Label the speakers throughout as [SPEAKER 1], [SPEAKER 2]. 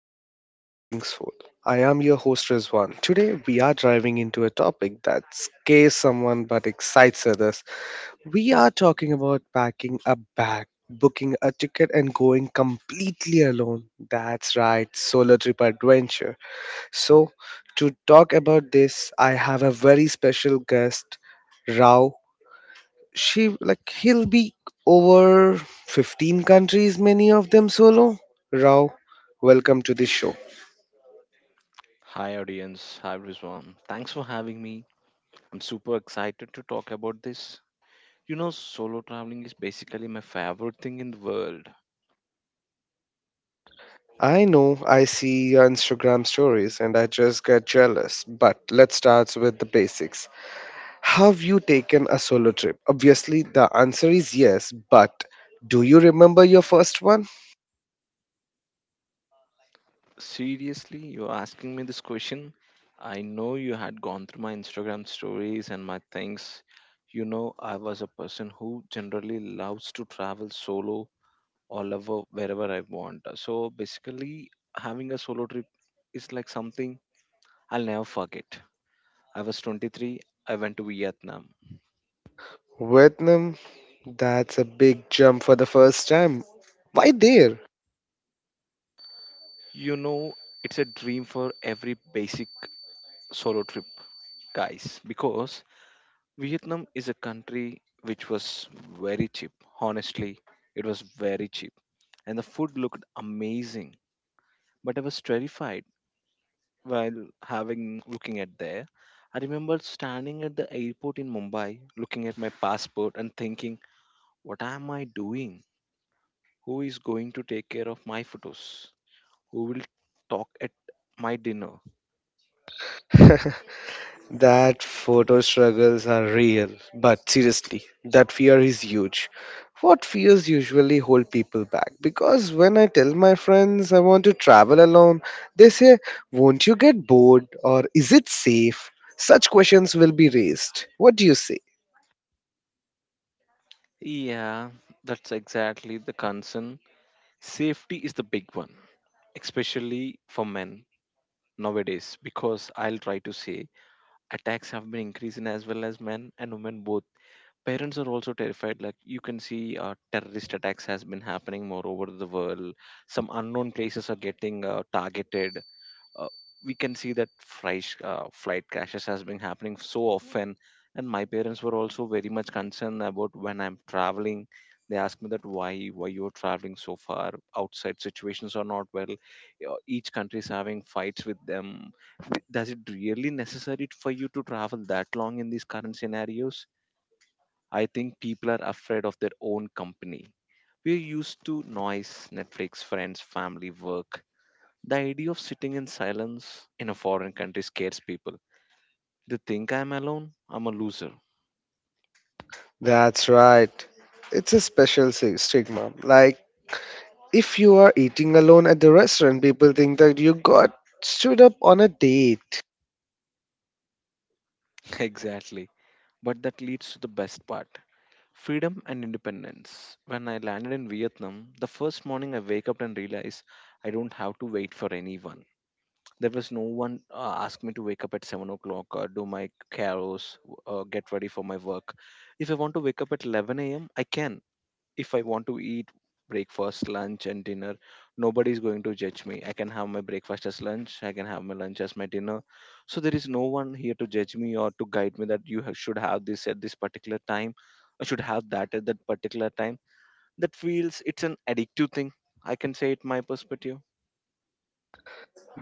[SPEAKER 1] back to The Wandering Soul. I am your host, Rizwan. Today, we are diving into a topic that scares someone but excites others. We are talking about packing a bag, booking a ticket, and going completely alone. That's right, solo trip adventure. So, to talk about this, I have a very special guest, Rao. She like He'll be over 15 countries, many of them solo. Rao, welcome to the show.
[SPEAKER 2] Hi, audience. Hi, everyone. Thanks for having me. I'm super excited to talk about this. You know, solo traveling is basically my favorite thing in the world.
[SPEAKER 1] I know, I see your Instagram stories and I just get jealous, but let's start with the basics. Have you taken a solo trip? Obviously the answer is yes, but do you remember your first one?
[SPEAKER 2] Seriously, you're asking me this question? I know you had gone through my Instagram stories and my things. You know, I was a person who generally loves to travel solo all over wherever I want. So basically, having a solo trip is like something I'll never forget. I was 23, I went to Vietnam.
[SPEAKER 1] Vietnam? That's a big jump for the first time. Why there?
[SPEAKER 2] You know, it's a dream for every basic solo trip, guys, because Vietnam is a country which was very cheap. Honestly, it was very cheap, and the food looked amazing. But I was terrified while having looking at there. I remember standing at the airport in Mumbai, looking at my passport and thinking, what am I doing? Who is going to take care of my photos? Who will talk at my dinner?
[SPEAKER 1] That photo struggles are real, but seriously, that fear is huge. What fears usually hold people back? Because when I tell my friends I want to travel alone, they say, won't you get bored? Or is it safe? Such questions will be raised. What do you say?
[SPEAKER 2] Yeah, that's exactly the concern. Safety is the big one, especially for men nowadays, because I'll try to say attacks have been increasing as well as men and women both. Parents are also terrified. Like you can see, terrorist attacks has been happening more over the world. Some unknown places are getting targeted. uh, we can see that flight crashes has been happening so often, and my parents were also very much concerned about when I'm traveling. They ask me that why you're traveling so far, outside situations are not well. Each country is having fights with them. Does it really necessary for you to travel that long in these current scenarios? I think people are afraid of their own company. We're used to noise, Netflix, friends, family, work. The idea of sitting in silence in a foreign country scares people. They think I'm alone, I'm a loser.
[SPEAKER 1] That's right. It's a special stigma. Like, if you are eating alone at the restaurant, people think that you got stood up on a date.
[SPEAKER 2] Exactly. But that leads to the best part, freedom and independence. When I landed in Vietnam, the first morning I wake up and realize I don't have to wait for anyone. There was no one asked me to wake up at 7 o'clock or do my carols, get ready for my work. If I want to wake up at 11 a.m., I can. If I want to eat breakfast, lunch, and dinner, nobody's going to judge me. I can have my breakfast as lunch, I can have my lunch as my dinner. So there is no one here to judge me or to guide me that you should have this at this particular time, I should have that at that particular time. That feels it's an addictive thing. I can say it my perspective.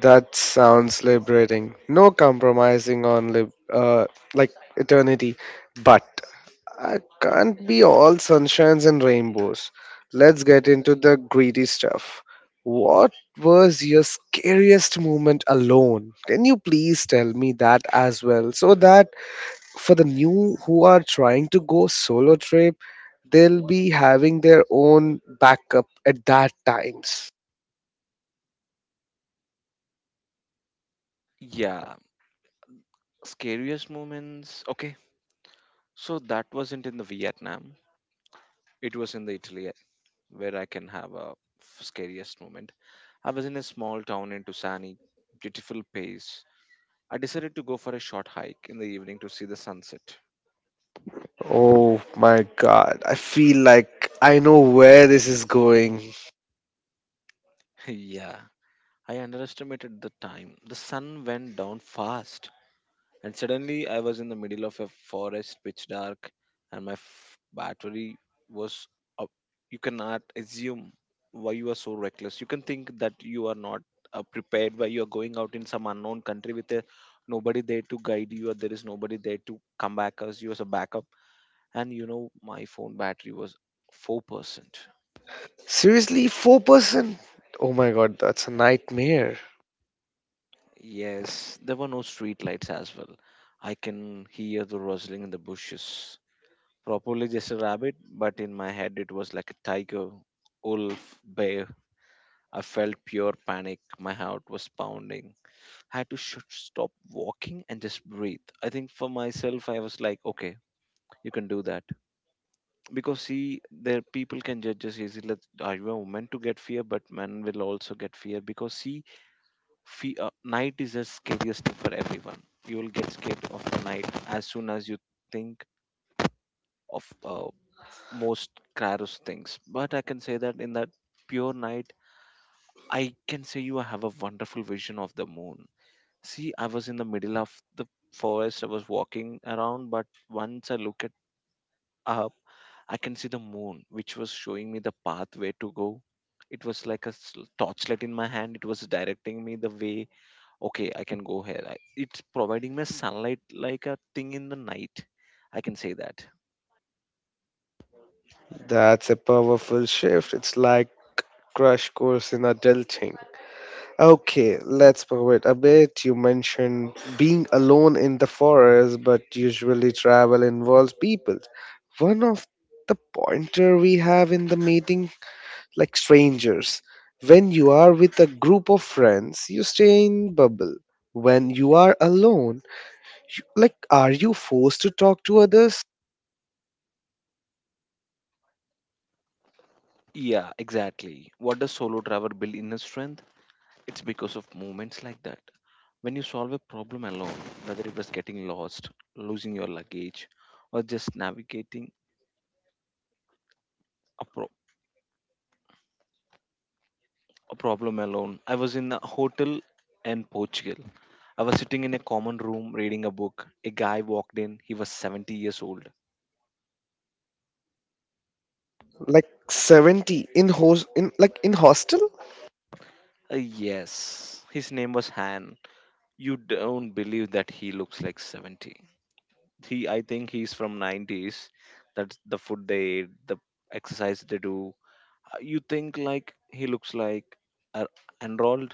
[SPEAKER 1] That sounds liberating. No compromising on like eternity. But I can't be all sunshines and rainbows. Let's get into the greedy stuff. What was your scariest moment alone? Can you please tell me that as well? So that for the new who are trying to go solo trip, they'll be having their own backup at that times.
[SPEAKER 2] Yeah, scariest moments. Okay, so that wasn't in the Vietnam. It was in the Italy where I can have a scariest moment. I was in a small town in Tuscany, beautiful place. I decided to go for a short hike in the evening to see the sunset.
[SPEAKER 1] Oh my god, I feel like I know where this is going.
[SPEAKER 2] Yeah, I underestimated the time. The sun went down fast, and suddenly I was in the middle of a forest, pitch dark, and my battery was up. You cannot assume why you are so reckless. You can think that you are not prepared, why you are going out in some unknown country with a nobody there to guide you, or there is nobody there to come back as you as a backup. And you know my phone battery was 4%.
[SPEAKER 1] Seriously, 4%? Oh my god, that's a nightmare.
[SPEAKER 2] Yes, there were no street lights as well. I can hear the rustling in the bushes, probably just a rabbit, but in my head it was like a tiger, wolf, bear. I felt pure panic, my heart was pounding. I had to stop walking and just breathe. I think for myself, I was like, okay, you can do that. Because see, there people can judge us easily that are you a woman to get fear, but men will also get fear, because see, night is the scariest thing for everyone. You will get scared of the night as soon as you think of most Kraros things. But I can say that in that pure night, I can say you have a wonderful vision of the moon. See, I was in the middle of the forest, I was walking around, but once I look at up, I can see the moon, which was showing me the path where to go. It was like a torchlight in my hand. It was directing me the way, okay, I can go here. I, it's providing me sunlight, like a thing in the night, I can say that.
[SPEAKER 1] That's a powerful shift. It's like crash course in adulting. Okay, let's pivot a bit. You mentioned being alone in the forest, but usually travel involves people. One of the pointer we have in the meeting, like strangers. When you are with a group of friends, you stay in bubble. When you are alone, you, like, are you forced to talk to others?
[SPEAKER 2] Yeah, exactly. What does solo travel build? Inner strength. It's because of moments like that, when you solve a problem alone, whether it was getting lost, losing your luggage, or just navigating a, pro- a problem alone. I was in a hotel in Portugal. I was sitting in a common room reading a book. A guy walked in. He was 70 years old.
[SPEAKER 1] Like 70 in host in like in hostel?
[SPEAKER 2] Yes. His name was Han. You don't believe that he looks like 70. He, I think he's from 90s. That's the food they eat, the exercise they do. You think like he looks like uh, enrolled.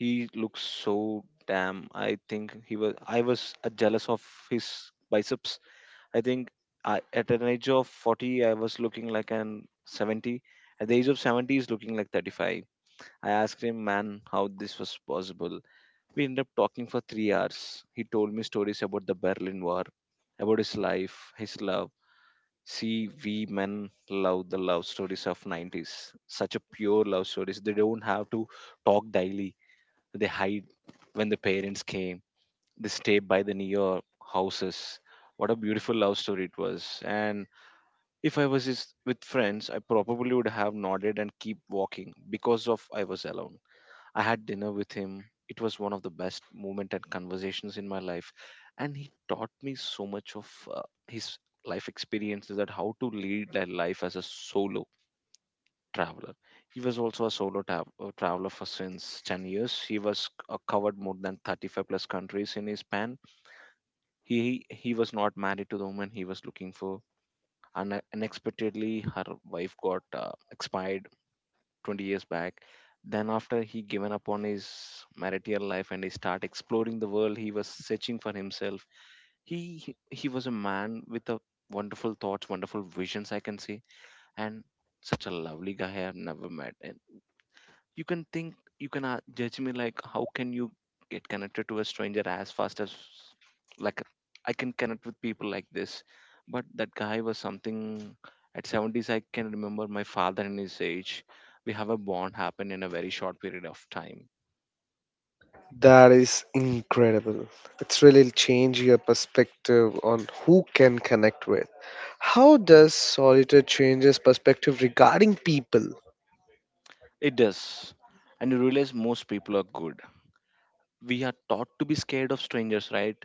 [SPEAKER 2] He looks so damn, I think he was, I was jealous of his biceps. I think, I, at an age of 40 I was looking like an 70. At the age of 70, he's looking like 35. I asked him, man, how this was possible? We ended up talking for 3 hours. He told me stories about the Berlin War, about his life, his love. See, we men love the love stories of 90s. Such a pure love stories. They don't have to talk daily. They hide when the parents came. They stay by the near houses. What a beautiful love story it was. And if I was just with friends, I probably would have nodded and keep walking, because of I was alone. I had dinner with him. It was one of the best moment and conversations in my life, and he taught me so much of his life experiences that how to lead a life as a solo traveler. He was also a solo traveler for since 10 years. He was covered more than 35 plus countries in his span. He was not married to the woman he was looking for. And unexpectedly, her wife got expired 20 years back. Then after, he given up on his marital life and he start exploring the world. He was searching for himself. He he he was a man with a wonderful thoughts, wonderful visions, I can say. And such a lovely guy I have never met. And you can think, you can judge me, like, how can you get connected to a stranger as fast as, like, I can connect with people like this. But that guy was something. At 70s, I can remember my father and his age. We have a bond happen in a very short period of time.
[SPEAKER 1] That is incredible. It's really change your perspective on who can connect with. How does solitude changes perspective regarding people?
[SPEAKER 2] It does. And you realize most people are good. We are taught to be scared of strangers, right?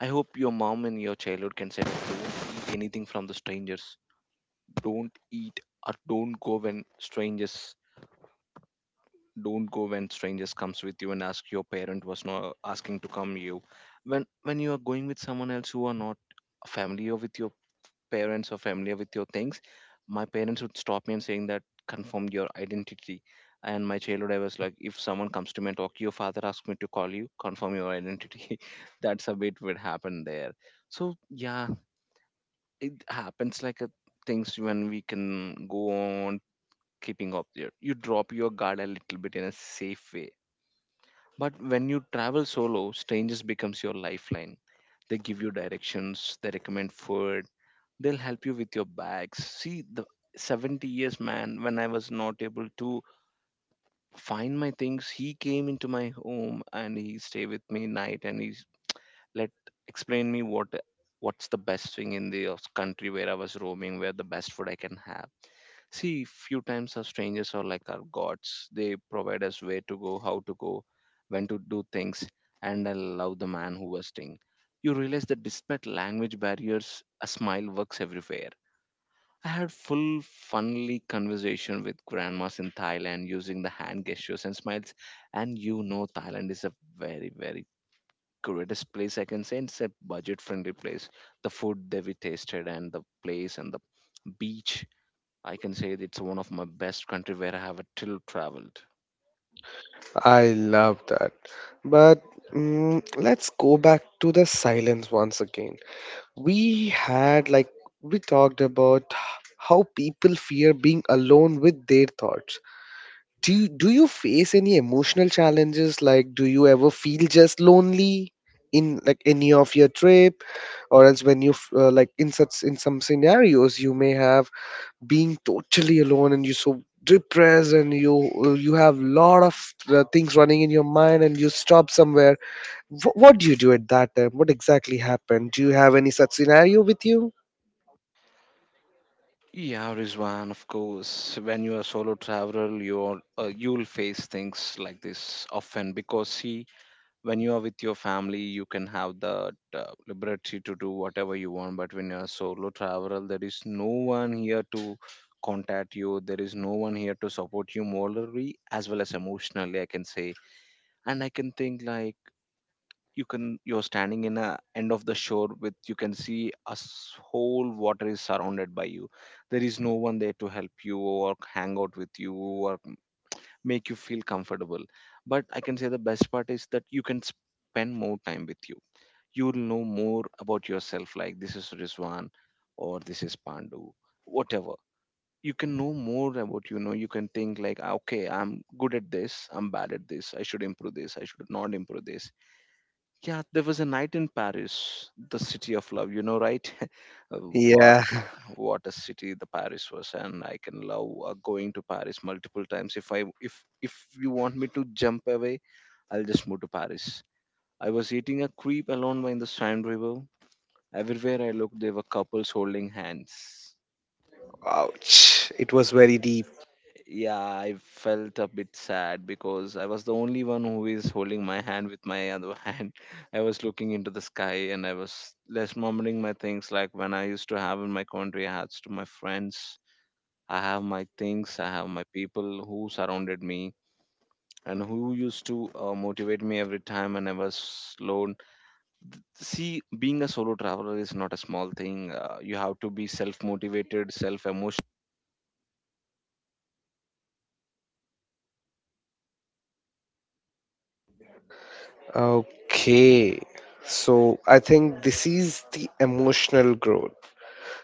[SPEAKER 2] I hope your mom in your childhood can say, don't eat anything from the strangers, don't eat, or strangers don't go when strangers comes with you. And ask your parent was not asking to come you, when you are going with someone else who are not familiar with your parents or familiar with your things. My parents would stop me and saying that, confirm your identity. And my childhood, I was like, if someone comes to me and talk, your father asked me to call you, confirm your identity. That's a bit what happened there. So yeah, it happens like a, things when we can go on keeping up there. You drop your guard a little bit in a safe way. But when you travel solo, strangers becomes your lifeline. They give you directions, they recommend food, they'll help you with your bags. See, the 70 years man, when I was not able to find my things, he came into my home and he stayed with me night, and he let explain me what's the best thing in the country where I was roaming, where the best food I can have. See, few times our strangers are like our gods. They provide us where to go, how to go, when to do things, and I love the man who was Sting. You realize that despite language barriers, a smile works everywhere. I had full funnily conversation with grandmas in Thailand using the hand gestures and smiles. And you know Thailand is a very, very greatest place I can say. It's a budget friendly place. The food that we tasted and the place and the beach, I can say that it's one of my best country where I have a till traveled.
[SPEAKER 1] I love that. But mm, let's go back to the silence once again. We had like, we talked about how people fear being alone with their thoughts. Do you face any emotional challenges? Like, do you ever feel just lonely in like any of your trip? Or else when you like in such, in some scenarios you may have being totally alone and you so depressed and you you have lot of things running in your mind and you stop somewhere. What do you do at that time? What exactly happened? Do you have any such scenario with you?
[SPEAKER 2] Yeah, Rizwan, of course. When you are solo traveler, you'll face things like this often because see, when you are with your family you can have the liberty to do whatever you want, but when you're a solo traveler there is no one here to contact you, there is no one here to support you morally as well as emotionally, I can say. And I can think like, you can, you're standing in a end of the shore, with you can see a whole water is surrounded by you. There is no one there to help you or hang out with you or make you feel comfortable. But I can say the best part is that you can spend more time with you. You'll know more about yourself, like this is Rizwan or this is Pandu, whatever. You can know more about, you know, you can think like, "Ah, okay, I'm good at this, I'm bad at this, I should improve this, I should not improve this." Yeah, there was a night in Paris, the city of love, you know, right? Uh, what
[SPEAKER 1] Yeah.
[SPEAKER 2] what a city the Paris was, and I can love going to Paris multiple times. If I, if if you want me to jump away, I'll just move to Paris. I was eating a creep alone by the Seine river. Everywhere I looked, there were couples holding hands.
[SPEAKER 1] Ouch. It was very deep.
[SPEAKER 2] Yeah, I felt a bit sad because I was the only one who is holding my hand with my other hand. I was looking into the sky and I was less murmuring my things, like when I used to have in my country, I had to my friends. I have my things, I have my people who surrounded me and who used to motivate me every time when I was alone. See, being a solo traveler is not a small thing. You have to be self motivated, self.
[SPEAKER 1] Okay. So I think this is the emotional growth.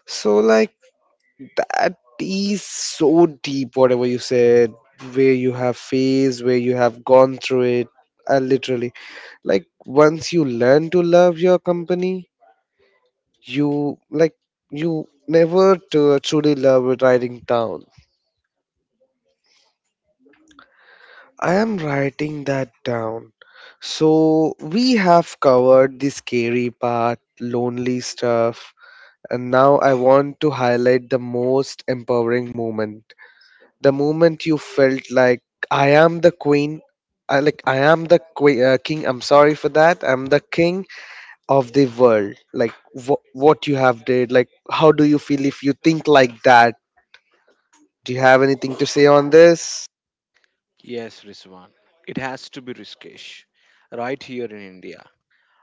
[SPEAKER 1] So like, that is so deep whatever you said, where you have phase where you have gone through it. And literally, like, once you learn to love your company, you like, you never to truly love writing down. I am writing that down. So we have covered the scary part, lonely stuff, and now I want to highlight the most empowering moment. The moment you felt like I am the queen, I like I am the king. I'm sorry for that. I'm the king of the world. Like what you have did. Like, how do you feel if you think like that? Do you have anything to say on this?
[SPEAKER 2] Yes, Rizwan. It has to be Rishikesh, right here in India.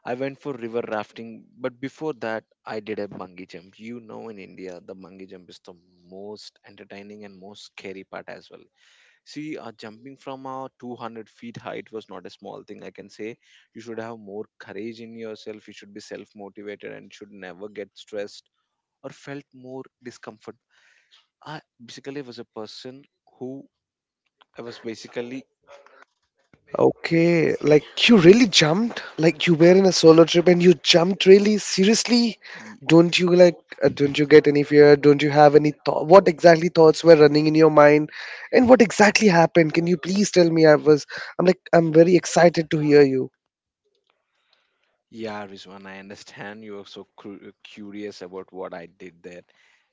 [SPEAKER 2] I went for river rafting, but before that, I did a bungee jump. You know, in India, the bungee jump is the most entertaining and most scary part as well. See, jumping from a 200 feet height was not a small thing, I can say. You should have more courage in yourself, you should be self motivated, and should never get stressed or felt more discomfort. I basically was a person who, I was basically.
[SPEAKER 1] Okay, like, you really jumped, like you were in a solo trip and you jumped really seriously. Don't you like, don't you get any fear? Don't you have any thought? What exactly thoughts were running in your mind, and what exactly happened? Can you please tell me? I was, I'm like, I'm very excited to hear you.
[SPEAKER 2] Yeah, Rizwan, I understand you are so curious about what I did there.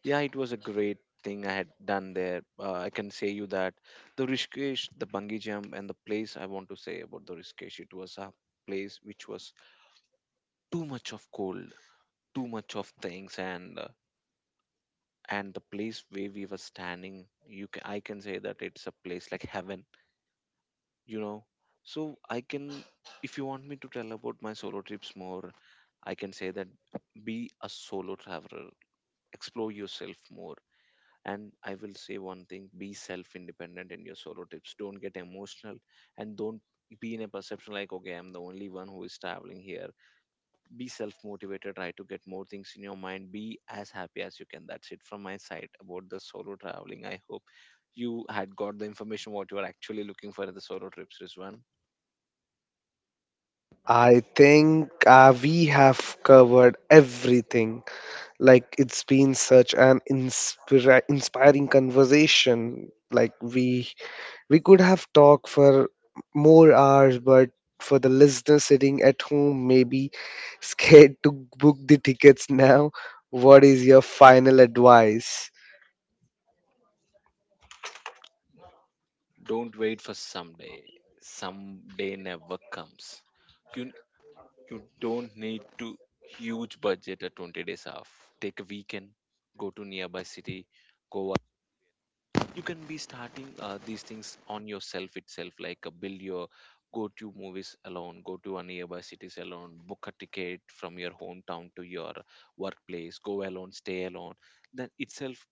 [SPEAKER 2] Yeah, it was a great thing I had done there. I can say you that the Rishikesh, the bungee jump, and the place. I want to say about the Rishikesh, it was a place which was too much of cold, too much of things, and the place where we were standing, you can, I can say that it's a place like heaven, you know. So I can, if you want me to tell about my solo trips more, I can say that, be a solo traveler, explore yourself more. And I will say one thing, be self independent in your solo trips, don't get emotional and don't be in a perception like, okay, I'm the only one who is traveling here. Be self motivated, try to get more things in your mind, be as happy as you can. That's it from my side about the solo traveling. I hope you had got the information what you are actually looking for in the solo trips, Rizwan.
[SPEAKER 1] I think we have covered everything. Like it's been such an inspiring conversation. Like we could have talked for more hours, but for the listener sitting at home, maybe scared to book the tickets now, what is your final advice?
[SPEAKER 2] Don't wait for someday. Someday never comes. You you don't need to huge budget or 20 days off. Take a weekend, go to nearby city, go out. You can be starting these things on yourself itself, like build your, go to movies alone, go to a nearby cities alone, book a ticket from your hometown to your workplace, go alone, stay alone. That itself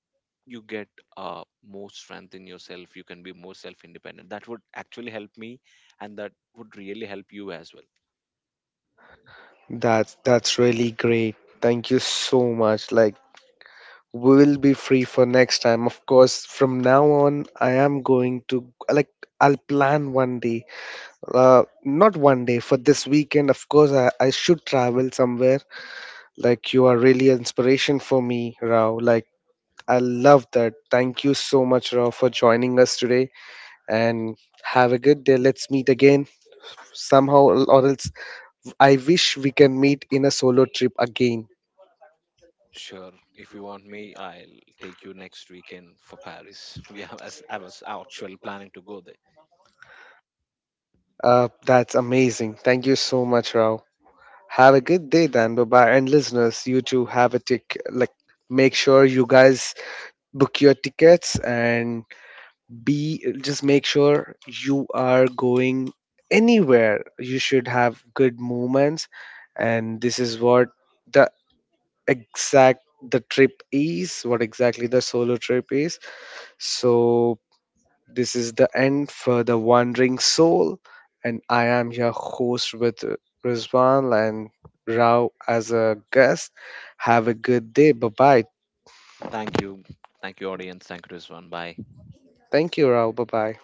[SPEAKER 2] you get more strength in yourself, you can be more self independent. That would actually help me and that would really help you as well.
[SPEAKER 1] That's really great. Thank you so much. Like, we will be free for next time. Of course, from now on, I am going to like I'll plan one day. Not one day for this weekend. Of course, I should travel somewhere. Like, you are really inspiration for me, Rao. Like I love that. Thank you so much, Raw, for joining us today and have a good day. Let's meet again somehow, or else I wish we can meet in a solo trip again.
[SPEAKER 2] Sure, if you want me, I'll take you next weekend for Paris we have, as I was actually planning to go there.
[SPEAKER 1] That's amazing. Thank you so much, Rao. Have a good day then. Bye bye. And listeners, you too have a tick. Like, make sure you guys book your tickets and be, just make sure you are going anywhere. You should have good moments, and this is what the exact the trip is, what exactly the solo trip is. So, this is the end for The Wandering Soul, and I am your host with Rizwan and Rao as a guest. Have a good day. Bye bye.
[SPEAKER 2] Thank you. Thank you, audience. Thank you to, bye.
[SPEAKER 1] Thank you, Rao. Bye bye.